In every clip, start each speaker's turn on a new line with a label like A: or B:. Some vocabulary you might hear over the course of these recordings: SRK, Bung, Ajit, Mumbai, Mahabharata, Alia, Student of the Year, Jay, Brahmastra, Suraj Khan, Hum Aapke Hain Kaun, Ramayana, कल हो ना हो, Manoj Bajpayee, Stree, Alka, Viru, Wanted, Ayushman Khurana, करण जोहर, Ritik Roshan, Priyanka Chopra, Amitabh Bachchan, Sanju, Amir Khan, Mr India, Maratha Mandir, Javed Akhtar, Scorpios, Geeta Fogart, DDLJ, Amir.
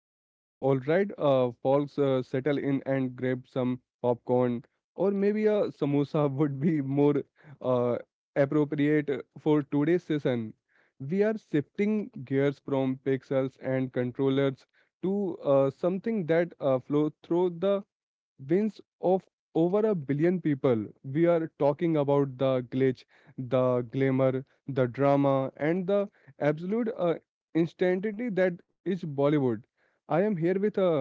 A: Hey Isa, all right, folks, settle in and grab some popcorn, or maybe a samosa would be more uh, appropriate for today's session. We are shifting gears from pixels and controllers to something that flows through the wins of over a billion people. We are talking about the glitch, the glamour, the drama, and the absolute instantity that is Bollywood. I am here with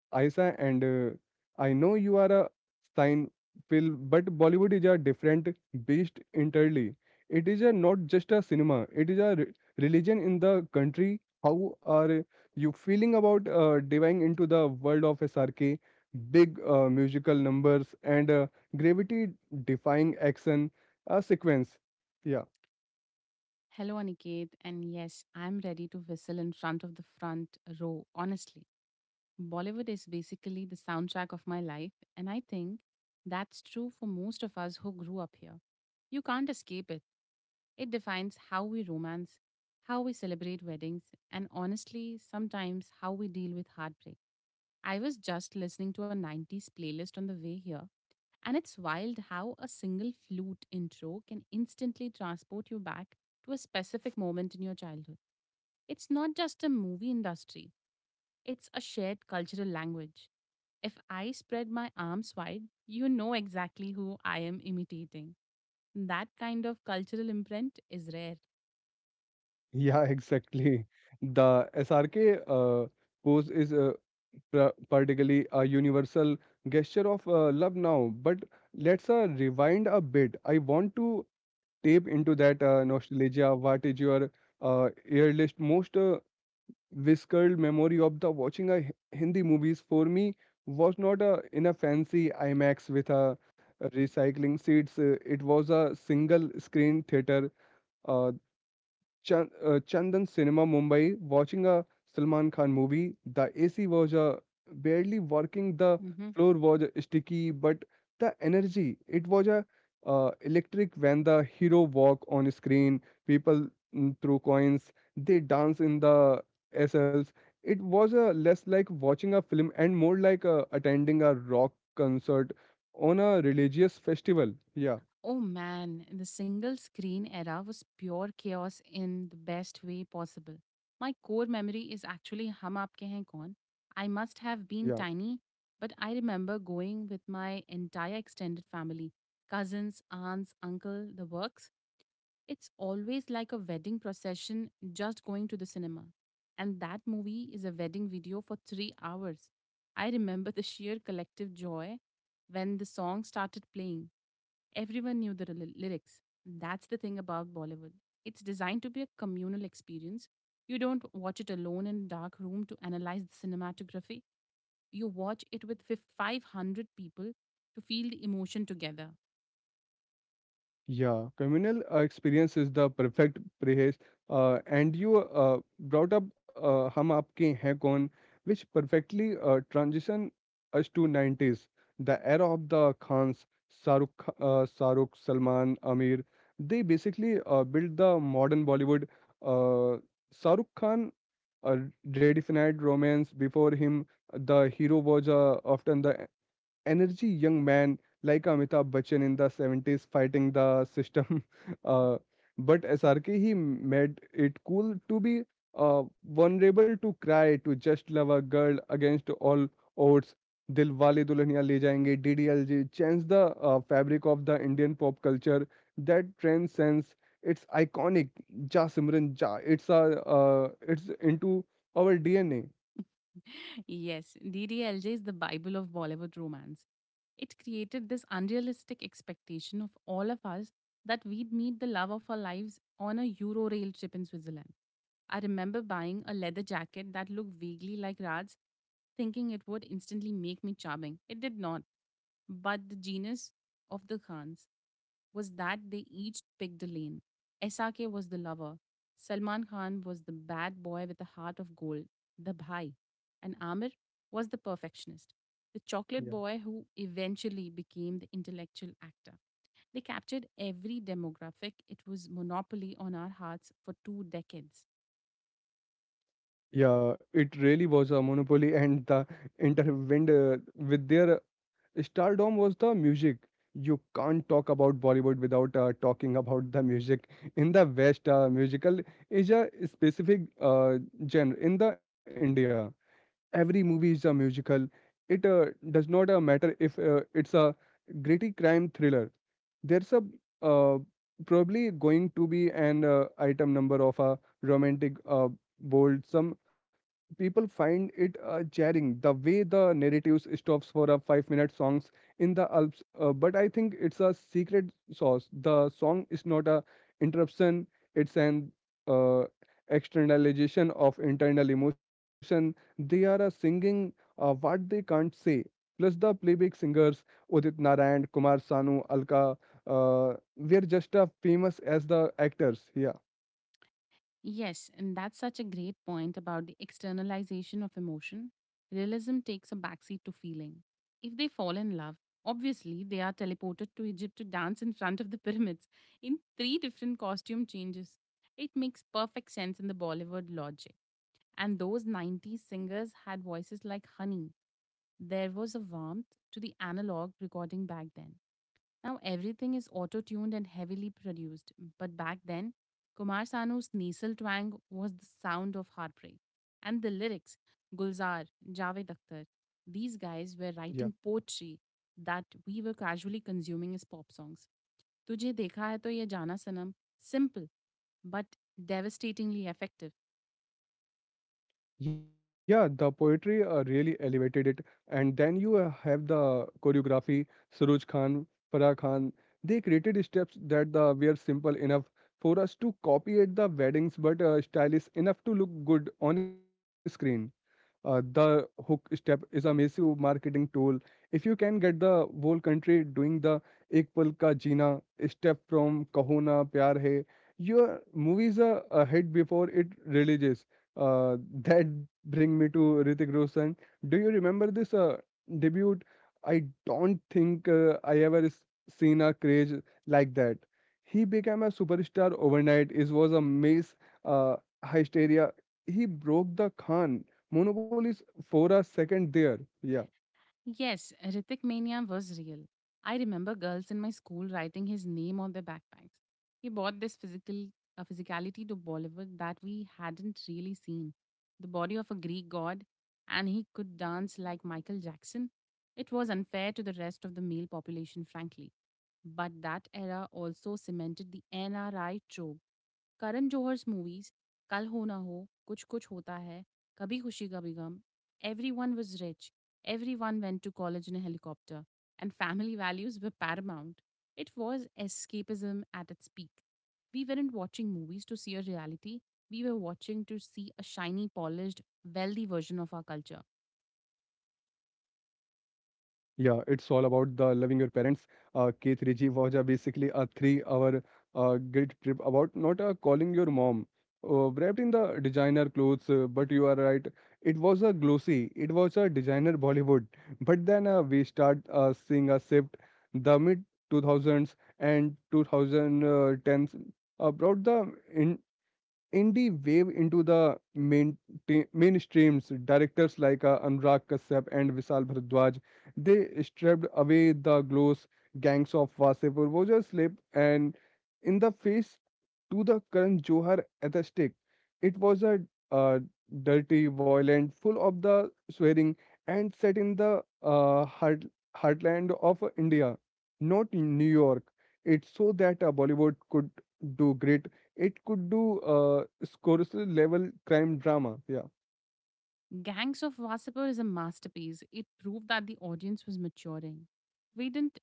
A: Ayesha, and I know you are a sign Phil, but Bollywood is a different beast entirely. It is a not just a cinema; it is a religion in the country. How are you feeling about diving into the world of SRK, big musical numbers, and gravity-defying action sequence? Yeah.
B: Hello, Aniket. And yes, I'm ready to whistle in front of the front row, honestly. Bollywood is basically the soundtrack of my life, and I think that's true for most of us who grew up here. You can't escape it. It defines how we romance, how we celebrate weddings, and honestly, sometimes how we deal with heartbreak. I was just listening to a 90s playlist on the way here, and it's wild how a single flute intro can instantly transport you back to a specific moment in your childhood. It's not just a movie industry, it's a shared cultural language. If I spread my arms wide, you know exactly who I am imitating. That kind of cultural imprint is rare.
A: Yeah, exactly. The SRK pose is particularly a universal gesture of love now. But let's rewind a bit. I want to tap into that nostalgia. What is your earliest, most visceral memory of the watching a Hindi movies? For me, was not in a fancy IMAX with a recycling seats. It was a single screen theater. Uh, Chandan Cinema Mumbai, watching a Salman Khan movie. The AC was barely working, the
B: Mm-hmm.
A: floor was sticky, but the energy, it was electric when the hero walk on screen. People throw coins, they dance in the SLs. It was less like watching a film and more like attending a rock concert on a religious festival. Yeah,
B: Oh man, the single screen era was pure chaos in the best way possible. My core memory is actually Hum Aapke Hain Kaun. I must have been
A: yeah.
B: tiny, but I remember going with my entire extended family cousins, aunts, uncle, the works. It's always like a wedding procession just going to the cinema. And that movie is a wedding video for 3 hours. I remember the sheer collective joy when the song started playing. Everyone knew the lyrics. That's the thing about Bollywood. It's designed to be a communal experience. You don't watch it alone in a dark room to analyze the cinematography. You watch it with 500 people to feel the emotion together.
A: Yeah, communal experience is the perfect prehaze. And you brought up "Hum Aapke Hain Kaun," which perfectly transition us to 90s, the era of the Khans, Saruk, Saruk, Salman, Amir. They basically built the modern Bollywood. Uh, Saruk Khan uh, redefined romance. Before him, the hero was often the energy young man like Amitabh Bachchan in the 70s fighting the system. Uh, but SRK, he made it cool to be vulnerable, to cry, to just love a girl against all odds. Dilwale Dulhania Le Jayenge, DDLJ, changed the fabric of the Indian pop culture. That transcends. It's iconic. Ja Simran Ja. It's a. It's into our DNA.
B: Yes, DDLJ is the Bible of Bollywood romance. It created this unrealistic expectation of all of us that we'd meet the love of our lives on a Euro rail trip in Switzerland. I remember buying a leather jacket that looked vaguely like Rad's, thinking it would instantly make me charming. It did not. But the genius of the Khans was that they each picked a lane. SRK was the lover. Salman Khan was the bad boy with a heart of gold, the bhai, and Amir was the perfectionist, the chocolate boy who eventually became the intellectual actor. They captured every demographic. It was monopoly on our hearts for 2 decades.
A: Yeah, it really was a monopoly, and the intervened with their stardom was the music. You can't talk about Bollywood without talking about the music. In the West, musical is a specific genre in the India every movie is a musical. It does not matter if it's a gritty crime thriller. There's a uh, probably going to be an item number of a romantic bold. Some people find it jarring the way the narrative stops for a 5-minute songs in the Alps. But I think it's a secret sauce. The song is not a interruption. It's an uh, externalization of internal emotion they are singing what they can't say. Plus the playback singers Udit Narayan, Kumar Sanu, Alka were just as famous as the actors. Yeah,
B: Yes, and that's such a great point about the externalization of emotion. Realism takes a backseat to feeling. If they fall in love, obviously they are teleported to Egypt to dance in front of the pyramids in three different costume changes. It makes perfect sense in the Bollywood logic. And those 90s singers had voices like honey. There was a warmth to the analog recording back then. Now everything is auto tuned and heavily produced, but back then, Kumar Sanu's nasal twang was the sound of heartbreak. And the lyrics, Gulzar, Javed Akhtar, these guys were writing
A: Yeah.
B: poetry that we were casually consuming as pop songs. तुझे देखा है तो ये जाना सनम, simple but devastatingly effective.
A: Yeah. The poetry really elevated it, and then you have the choreography. Suraj Khan, Farah Khan. They created steps that the were simple enough for us to copy at the weddings, but stylish enough to look good on screen. The hook step is a massive marketing tool. If you can get the whole country doing the ek pal ka jeena step from kaho na pyar hai, your movie is a hit before it releases. That bring me to Ritik Roshan. Do you remember this debut? I don't think seen a craze like that. He became a superstar overnight. It was a mass uh, hysteria. He broke the Khan Monopolies for a second there. Yeah.
B: Yes, Ritik Mania was real. I remember girls in my school writing his name on their backpacks. He brought this physicality to Bollywood that we hadn't really seen. The body of a Greek god, and he could dance like Michael Jackson. It was unfair to the rest of the male population, frankly. But that era also cemented the NRI trope Karan Johar's movies, कल हो ना हो, कुछ कुछ होता है, Kabhi Khushi Kabhie Gham, everyone was rich, everyone went to college in a helicopter, and family values were paramount. It was escapism at its peak. We weren't watching movies to see a reality. We were watching to see a shiny, polished, wealthy version of our culture.
A: Yeah, it's all about the loving your parents. Keith Ritchie was basically a three-hour guilt trip about not calling your mom. Wrapped in the designer clothes, but you are right. It was a glossy. It was a designer Bollywood. But then we start seeing a shift. The mid 2000s and 2010s brought the Indie wave into the mainstreams. Directors like Anurag Kashyap and Vishal Bharadwaj, they stripped away the gloss gangs of Wasipur, Voja Slip, and in the face to the current Johar aesthetic. It was a uh, dirty, violent, full of the swearing, and set in the heartland of India, not in New York. It's so that Bollywood could do great it could do Scorsese-level crime drama. Yeah.
B: Gangs of Wasseypur is a masterpiece. It proved that the audience was maturing. We didn't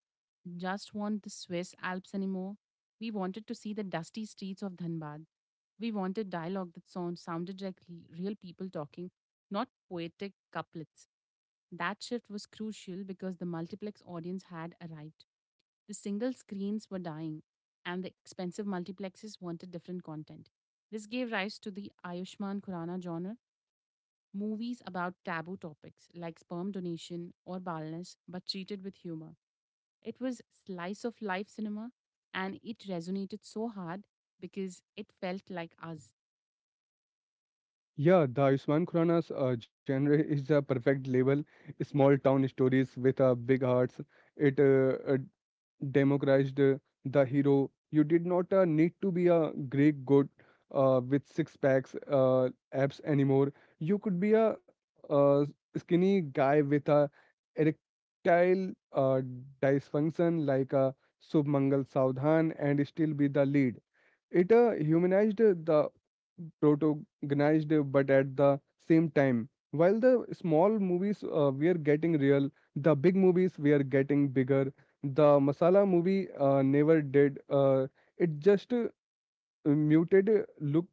B: just want the Swiss Alps anymore. We wanted to see the dusty streets of Dhanbad. We wanted dialogue that sounded like real people talking, not poetic couplets. That shift was crucial because the multiplex audience had arrived. The single screens were dying, and the expensive multiplexes wanted different content. This gave rise to the Ayushman Khurana genre, movies about taboo topics like sperm donation or baldness, but treated with humor. It was slice of life cinema and it resonated so hard because it felt like us.
A: Yeah, the Ayushmann Khurrana's genre is a perfect label. Small town stories with big hearts. It democratized the hero. You did not need to be a Greek god with six packs, abs anymore. You could be a uh, skinny guy with a erectile dysfunction like a Subh Mangal Saudhan and still be the lead. It humanized the protagonized, but at the same time, while the small movies were getting real, the big movies were getting bigger. The masala movie never did. It just muted look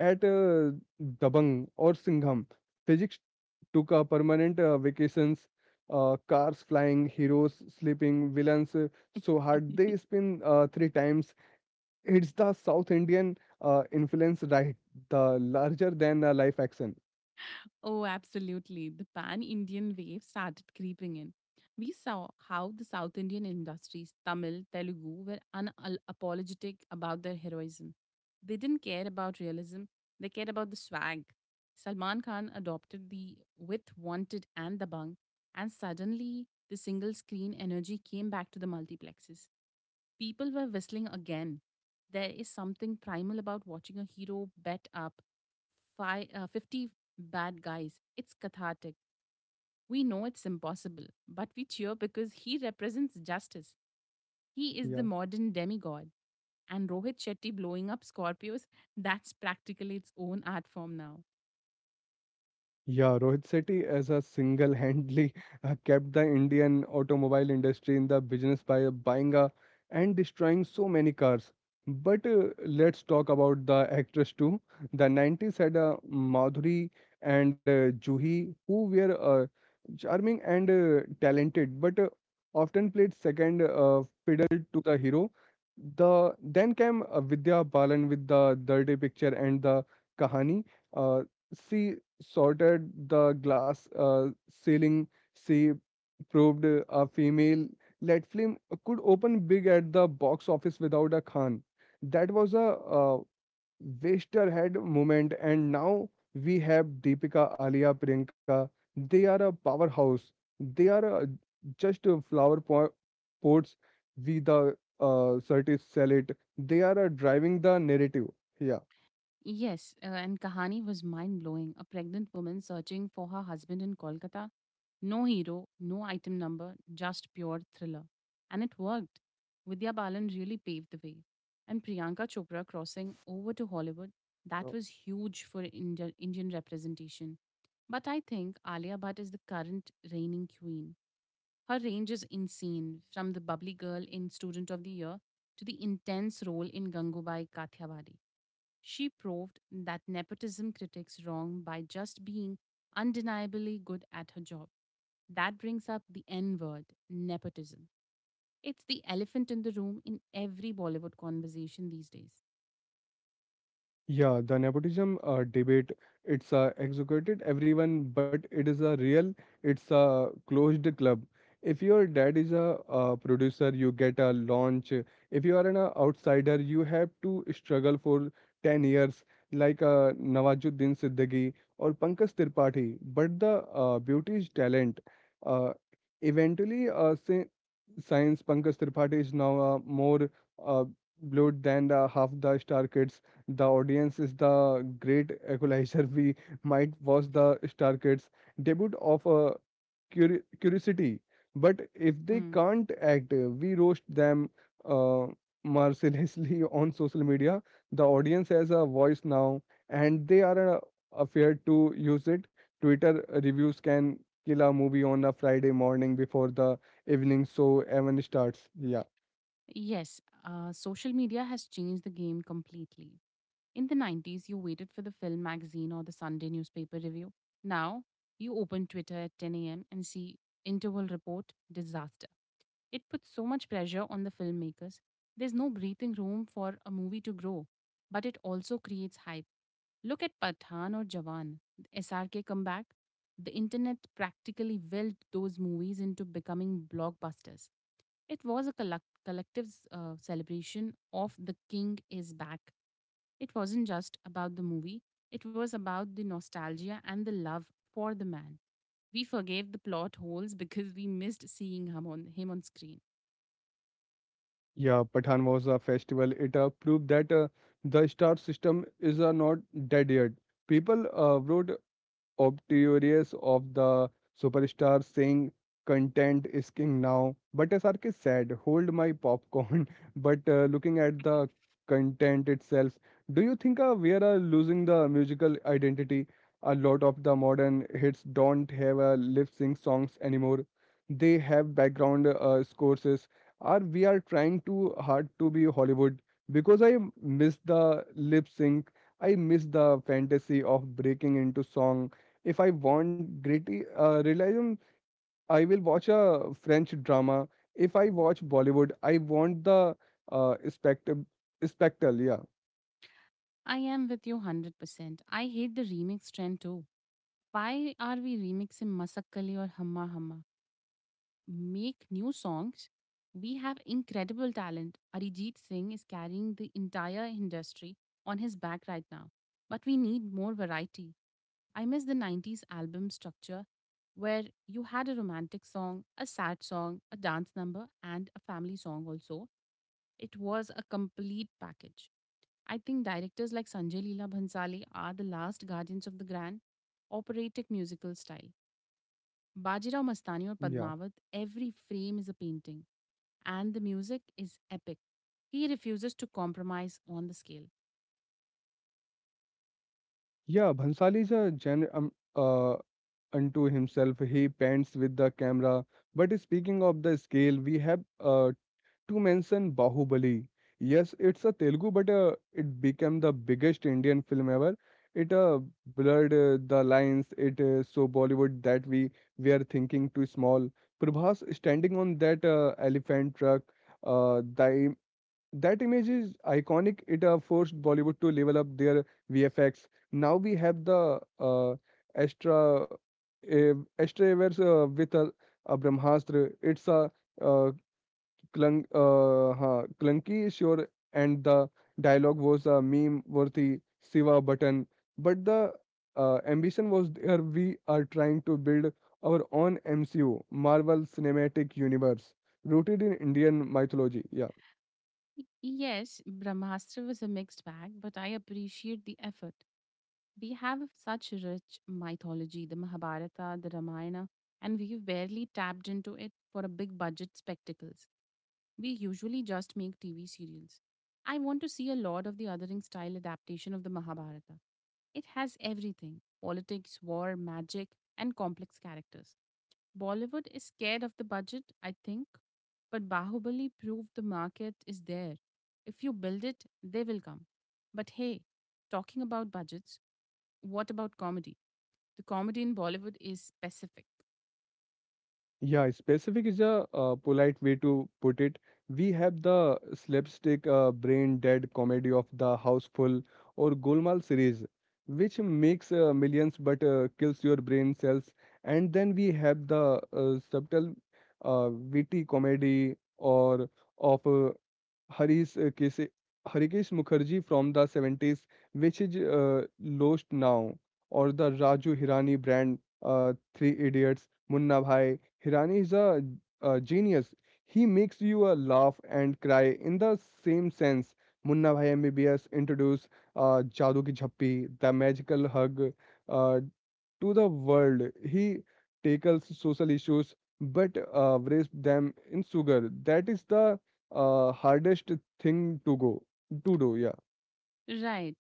A: at Dabang or Singham. Physics took a permanent vacations, cars flying, heroes sleeping, villains so hard they spin three times. It's the South Indian influence, right? The larger than life action.
B: Oh, absolutely. The pan Indian wave started creeping in. We saw how the South Indian industries, Tamil, Telugu, were unapologetic about their heroism. They didn't care about realism, they cared about the swag. Salman Khan adopted the with Wanted and the Bung, and suddenly the single screen energy came back to the multiplexes. People were whistling again. There is something primal about watching a hero bet up fi 50 bad guys. It's cathartic. We know it's impossible, but we cheer because he represents justice. He is the
A: Yeah.
B: modern demigod. And Rohit Shetty blowing up Scorpios, that's practically its own art form now.
A: Yeah, Rohit Sethi has a single-handedly kept the Indian automobile industry in the business by buying and destroying so many cars. But let's talk about the actress too. The 90s had Madhuri and Juhi who were charming and talented, but often played second fiddle to the hero. The then came Vidya Balan with the Dirty Picture and the Kahani. Uh, she sorted the glass ceiling. She proved a female lead film could open big at the box office without a Khan. That was a waster head moment, and now we have Deepika, Alia, Priyanka. They are a powerhouse. They are just flower pots. We the scientists sell they are driving the narrative. Yeah.
B: Yes, and Kahani was mind blowing. A pregnant woman searching for her husband in Kolkata. No hero, no item number, just pure thriller. And it worked. Vidya Balan really paved the way. And Priyanka Chopra crossing over to Hollywood, that
A: So
B: was huge for India, Indian representation. But I think Alia Bhatt is the current reigning queen. Her range is insane, from the bubbly girl in Student of the Year to the intense role in Gangubai Kathiawadi. She proved that nepotism critics wrong by just being undeniably good at her job. That brings up the N word, nepotism. It's the elephant in the room in every Bollywood conversation these days.
A: yeah, the nepotism debate, it's executed everyone, but it's a closed club. If your dad is a, producer, you get a launch. If you are an outsider, you have to struggle for 10 years, like Nawazuddin Siddiqui or Pankaj Tripathi. But the beauty is talent. Uh, eventually, since Pankaj Tripathi is now more uh, blood than the half the star kids the audience is the great equalizer. We might watch the Star Kids debut of a curiosity, but if they
B: Mm.
A: can't act, we roast them uh, mercilessly on social media. The audience has a voice now, and they are afraid to use it. Twitter reviews can kill a movie on a Friday morning before the evening show even starts. Yeah.
B: Yes, social media has changed the game completely. In the 90s, you waited for the film magazine or the Sunday newspaper review. Now, you open Twitter at 10 a.m. and see interval report disaster. It puts so much pressure on the filmmakers. There's no breathing room for a movie to grow, but it also creates hype. Look at Pathan or Jawan, the SRK comeback. The internet practically willed those movies into becoming blockbusters. It was a collective celebration of the king is back. It wasn't just about the movie, it was about the nostalgia and the love for the man. We forgave the plot holes because we missed seeing him on screen.
A: Yeah, Pathan was a festival. It proved that the star system is not dead yet. People wrote obtuous of the superstar saying content is king now but srk said hold my popcorn but looking at the content itself do you think we are losing the musical identity a lot of the modern hits don't have lip sync songs anymore they have background scores. Are we are trying too hard to be hollywood because I miss the lip sync. I miss the fantasy of breaking into song if I want gritty realism, I will watch a French drama. If I watch Bollywood, I want the spectacle. Spectacle, yeah,
B: I am with you 100%. I hate the remix trend too. Why are we remixing Masakkali or Hamma Hamma? Make new songs. We have incredible talent. Arijit Singh is carrying the entire industry on his back right now. But we need more variety. I miss the 90s album structure where you had a romantic song, a sad song, a dance number, and a family song also. It was a complete package. I think directors like Sanjay Leela Bhansali are the last guardians of the grand operatic musical style. Bajirao Mastani or
A: yeah,
B: Padmavat, every frame is a painting, and the music is epic. He refuses to compromise on the scale.
A: yeah. Bhansali is a genre unto himself. He paints with the camera. But speaking of the scale, we have to mention Bahubali. Yes, it's a Telugu, but it became the biggest Indian film ever. It blurred the lines. It so Bollywood that we are thinking too small. Prabhas standing on that elephant truck. Uh, the, im- that image is iconic. It forced Bollywood to level up their VFX. Now we have the Astra Avers, a Brahmastra. It's uh, clunky, sure, and the dialogue was a meme-worthy Siva button, but the ambition was there. We are trying to build our own MCU, Marvel Cinematic Universe, rooted in Indian mythology. Yeah.
B: Yes, Brahmastra was a mixed bag, but I appreciate the effort. We have such rich mythology, the Mahabharata, the Ramayana, and we've barely tapped into it for a big budget spectacles. We usually just make TV serials. I want to see a Lord of the Othering style adaptation of the Mahabharata. It has everything politics, war, magic, and complex characters. Bollywood is scared of the budget, I think, but Bahubali proved the market is there. If you build it, they will come. But hey, talking about budgets, what about comedy? The comedy in Bollywood is specific.
A: Yeah, specific is a polite way to put it. We have the slapstick, brain dead comedy of the Houseful or Golmaal series, which makes millions but kills your brain cells. And then we have the subtle, witty comedy or of Harish Kese- Harikesh Mukherjee from the 70s, which is lost now, or the Raju Hirani brand, Three Idiots, Munna Bhai. Hirani is a genius. He makes you laugh and cry in the same sense. Munna Bhai MBBS introduced Jadu Ki Jhappi, the Magical Hug, uh, to the world. He tackles social issues but wraps them in sugar. That is the hardest thing to do. Yeah.
B: Right.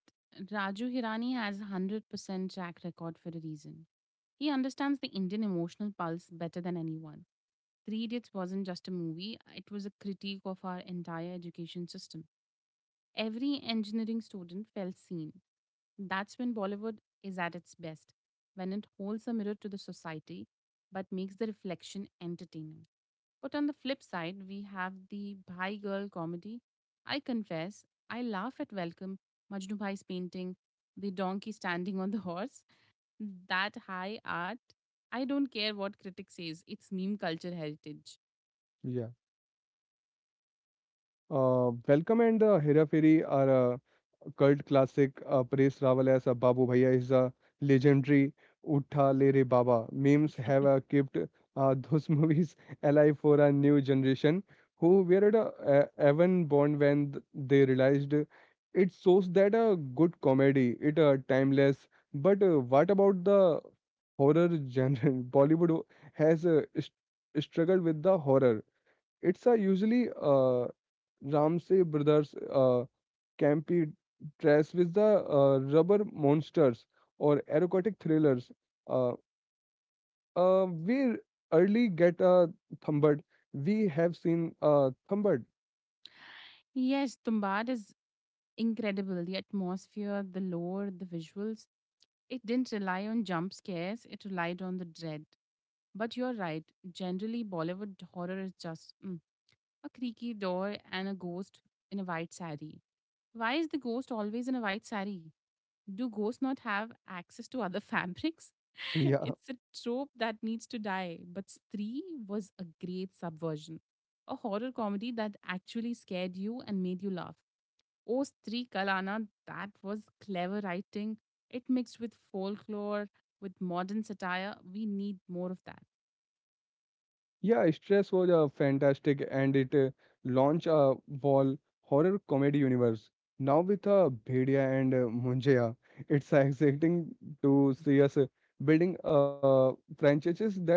B: Raju Hirani has 100% track record for a reason. He understands the Indian emotional pulse better than anyone. Three Idiots wasn't just a movie, it was a critique of our entire education system. Every engineering student felt seen. That's when Bollywood is at its best, when it holds a mirror to the society but makes the reflection entertaining. But on the flip side, we have the Bhai Girl comedy. I confess, I laugh at Welcome, Majnu Bhai's painting, the donkey standing on the horse. That high art. I don't care what critics says, it's meme culture heritage.
A: Yeah. Welcome and Hera Fairy are cult classic uh, Paresh Rawal as a Babu Bhaiya is a legendary Utha Le Re Baba. Memes have kept those movies alive for a new generation who were even born when they realized it shows that a good comedy, it timeless. But what about the horror genre? Bollywood has struggled with the horror. It's usually uh, Ramsey brothers. Campy dress with the rubber monsters or erotic thrillers. Uh, we early get thumbered. We have seen thumbered.
B: Yes, Tumbad is incredible. The atmosphere, the lore, the visuals. It didn't rely on jump scares, it relied on the dread. But you're right, generally, Bollywood horror is just mm, a creaky door and a ghost in a white sari. Why is the ghost always in a white sari? Do ghosts not have access to other fabrics? It's a
A: Yeah,
B: trope that needs to die, but Stree was a great subversion. A horror comedy that actually scared you and made you laugh. O Stri Kalana, that was clever writing. It mixed with folklore, with modern satire. We need more of that.
A: yeah. Stress was fantastic, and it launched a wall horror comedy universe. Now with Bhedia and Munjaya, it's exciting to see us building franchises that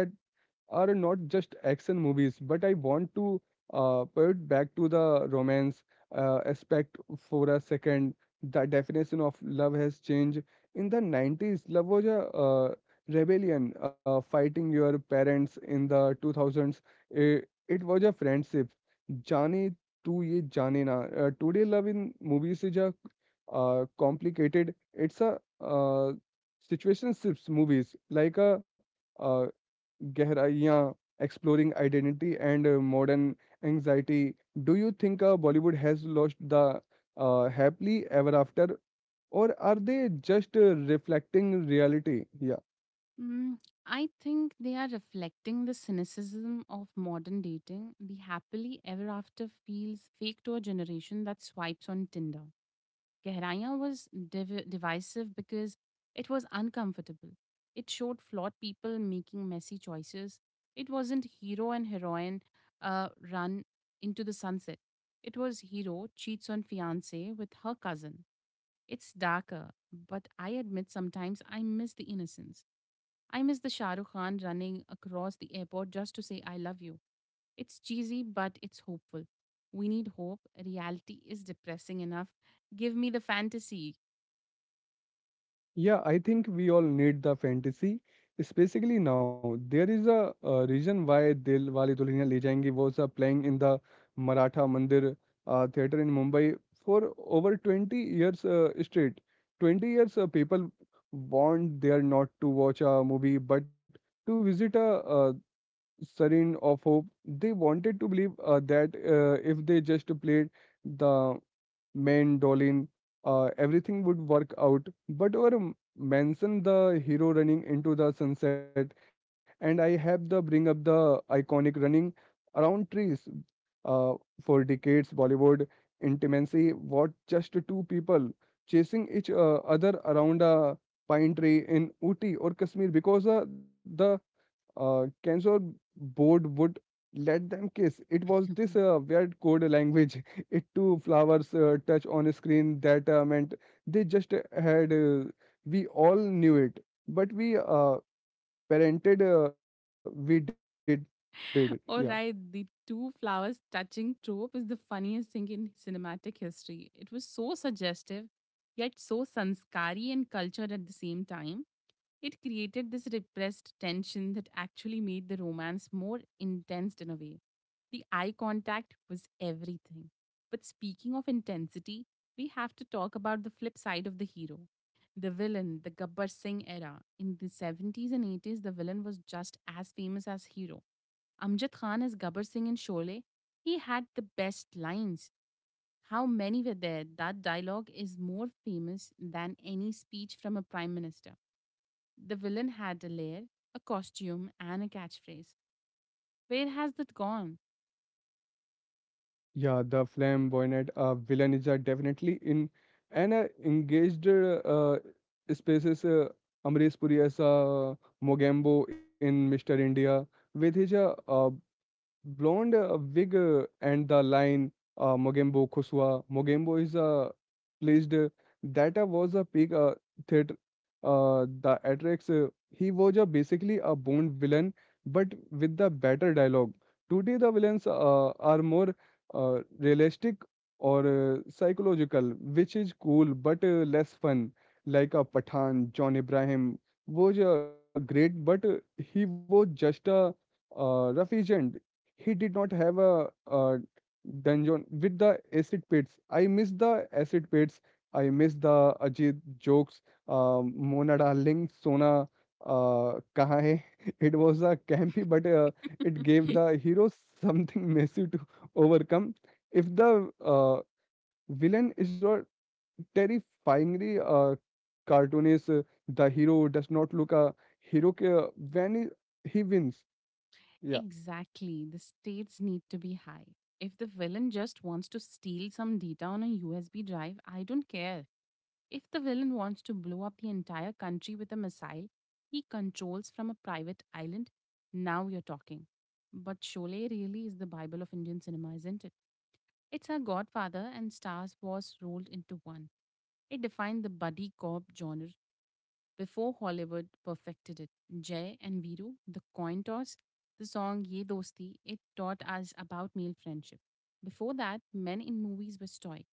A: are not just action movies, but I want to pivot back to the romance aspect for a second. The definition of love has changed. In the 90s, love was a rebellion, fighting your parents. In the 2000s, it was a friendship. Jaane tu ye jaane na. Today, love in movies is a complicated. It's a situationship movies like a uh, Gehraiyan, exploring identity and modern anxiety. Do you think Bollywood has lost the happily ever after, or are they just reflecting reality? Yeah.
B: Mm, I think they are reflecting the cynicism of modern dating. The happily ever after feels fake to a generation that swipes on Tinder. Gehraiya was divisive because it was uncomfortable. It showed flawed people making messy choices. It wasn't hero and heroine run into the sunset. It was hero cheats on fiance with her cousin. It's darker, but I admit sometimes I miss the innocence. I miss the Shah Rukh Khan running across the airport just to say I love you. It's cheesy, but it's hopeful. We need hope. Reality is depressing enough. Give me the fantasy.
A: Yeah, I think we all need the fantasy, specifically now. There is reason why Dil Wale Dulhania Le Jayenge was playing in the Maratha Mandir theater in Mumbai for over 20 years straight. 20 years people want there not to watch a movie but to visit a, uh serene of hope. They wanted to believe that if they just played the mandolin, everything would work out. But mention the hero running into the sunset, and I have the bring up the iconic running around trees. Uh, for decades, Bollywood intimacy was just two people chasing each other around a pine tree in Uti or Kashmir because the censor board would let them kiss. It was this weird code language it too flowers touch on a screen that meant they just had we all knew it but we parented we did it. Yeah.
B: All right, the two flowers touching trope is the funniest thing in cinematic history. It was so suggestive, yet so sanskari and cultured at the same time. It created this repressed tension that actually made the romance more intense in a way. The eye contact was everything. But speaking of intensity, we have to talk about the flip side of the hero. The villain, the Gabbar Singh era. In the 70s and 80s, the villain was just as famous as hero. Amjad Khan as Gabbar Singh in Sholay, he had the best lines. How many were there? That dialogue is more famous than any speech from a prime minister. The villain had a lair, a costume, and a catchphrase. Where has that gone?
A: Yeah, the flamboyant villain is definitely in and engaged spaces. Amrish Puri as Mogambo in Mr. India with his blonde wig and the line Mogembo Kosua. Mogembo is placed that was a peak theater. The Atrix, he was basically a Bond villain, but with the better dialogue. Today, the villains are more realistic or psychological, which is cool but less fun. Like a Pathan, John Ibrahim was great, but he was just a rough agent. He did not have a dungeon with the acid pits. I miss the acid pits. I miss the Ajit jokes. Mona darling, Sona, kahan hai? It was a campy, but it gave the hero something massive to overcome. If the villain is not terrifyingly cartoonish, the hero does not look a when he wins. Yeah.
B: Exactly. The stakes need to be high. If the villain just wants to steal some data on a USB drive, I don't care. If the villain wants to blow up the entire country with a missile he controls from a private island, now you're talking. But Sholay really is the Bible of Indian cinema, isn't it? It's our godfather and Star Wars rolled into one. It defined the buddy cop genre before Hollywood perfected it, Jay and Viru, the coin toss, the song Ye Dosti, it taught us about male friendship. Before that, men in movies were stoic.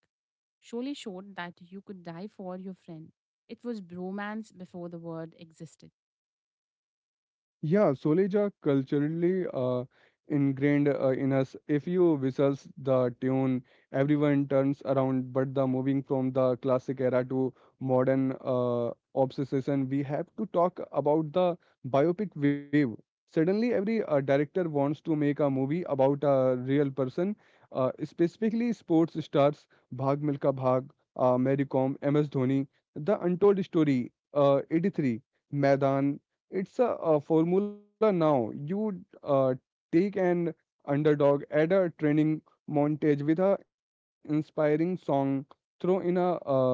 B: Sholay showed that you could die for your friend. It was bromance before the word existed.
A: Yeah, solis are culturally ingrained in us. If you whistles the tune, everyone turns around. But the moving from the classic era to modern obsession, we have to talk about the biopic wave. Suddenly, every director wants to make a movie about a real person, specifically sports stars, Bhag Milka Bhag, Mary Kom, MS Dhoni, The Untold Story, 83, Maidan. It's a formula now. You take an underdog, add a training montage with a inspiring song, throw in a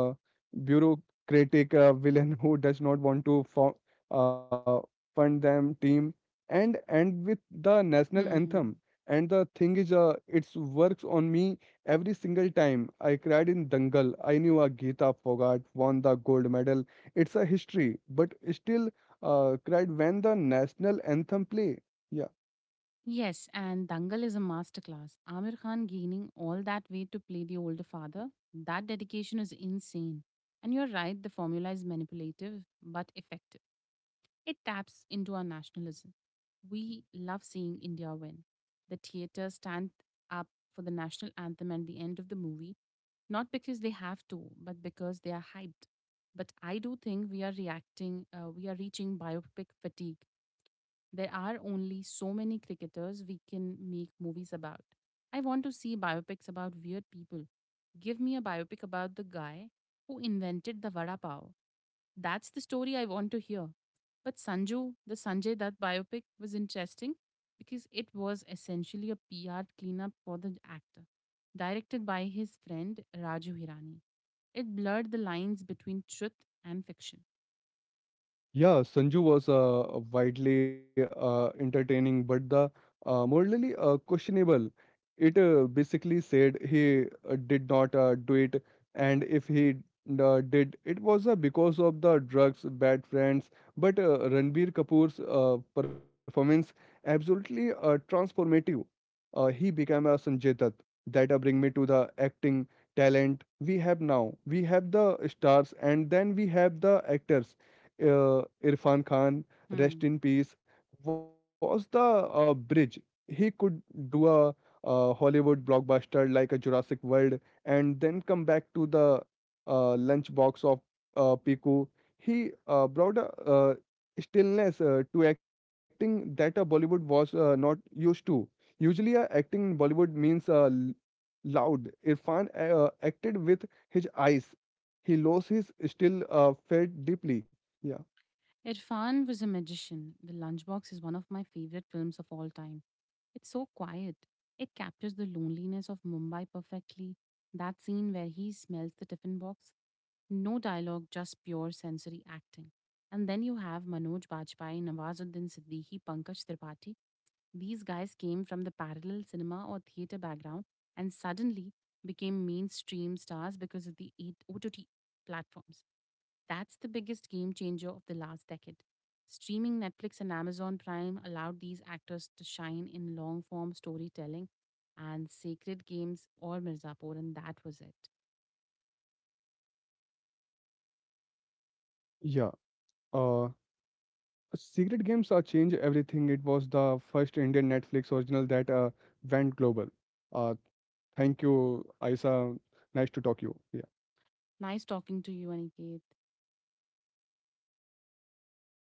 A: bureaucratic villain who does not want to uh, fund them team, and end with the national anthem.
B: Hmm.
A: And the thing is, it works on me every single time. I cried in Dangal. I knew a Geeta Fogart won the gold medal. It's a history, but still cried when the national anthem play. Yeah.
B: Yes, and Dangal is a masterclass. Amir Khan gaining all that weight to play the older father, that dedication is insane. And you're right, the formula is manipulative but effective. It taps into our nationalism. We love seeing India win. The theaters stand up for the national anthem at the end of the movie, not because they have to, but because they are hyped. But I do think we are reaching biopic fatigue. There are only so many cricketers we can make movies about. I want to see biopics about weird people. Give me a biopic about the guy who invented the vada pav. That's the story I want to hear. But Sanju, the Sanjay Dutt biopic was interesting because it was essentially a PR cleanup for the actor, directed by his friend Raju Hirani. It blurred the lines between truth and fiction.
A: Yeah, Sanju was widely entertaining, but the morally questionable. It basically said he did not do it, and if he did, it was because of the drugs, bad friends. But Ranbir Kapoor's performance absolutely transformative. He became a Sanjay Dutt. That bring me to the acting talent we have now. We have the stars, and then we have the actors, Irfan Khan, rest
B: Hmm.
A: in peace, was the bridge. He could do a Hollywood blockbuster like a Jurassic World and then come back to the lunchbox of Piku. He brought a stillness to acting that a Bollywood was not used to. Usually, acting in Bollywood means loud. Irfan acted with his eyes. He lost his still felt deeply. Yeah.
B: Irfan was a magician. The Lunchbox is one of my favorite films of all time. It's so quiet. It captures the loneliness of Mumbai perfectly. That scene where he smells the tiffin box, no dialogue, just pure sensory acting. And then you have Manoj Bajpayee, Nawazuddin Siddiqui, Pankaj Tripathi. These guys came from the parallel cinema or theater background and suddenly became mainstream stars because of the OTT platforms. That's the biggest game changer of the last decade. Streaming Netflix and Amazon Prime allowed these actors to shine in long form storytelling and Sacred Games or Mirzapur, and that was it.
A: Yeah, uh, Secret Games changed everything. It was the first Indian Netflix original that went global. Uh, Thank you, Aisa. Nice to talk you. Yeah.
B: Nice talking to you, Aniket. Thank you.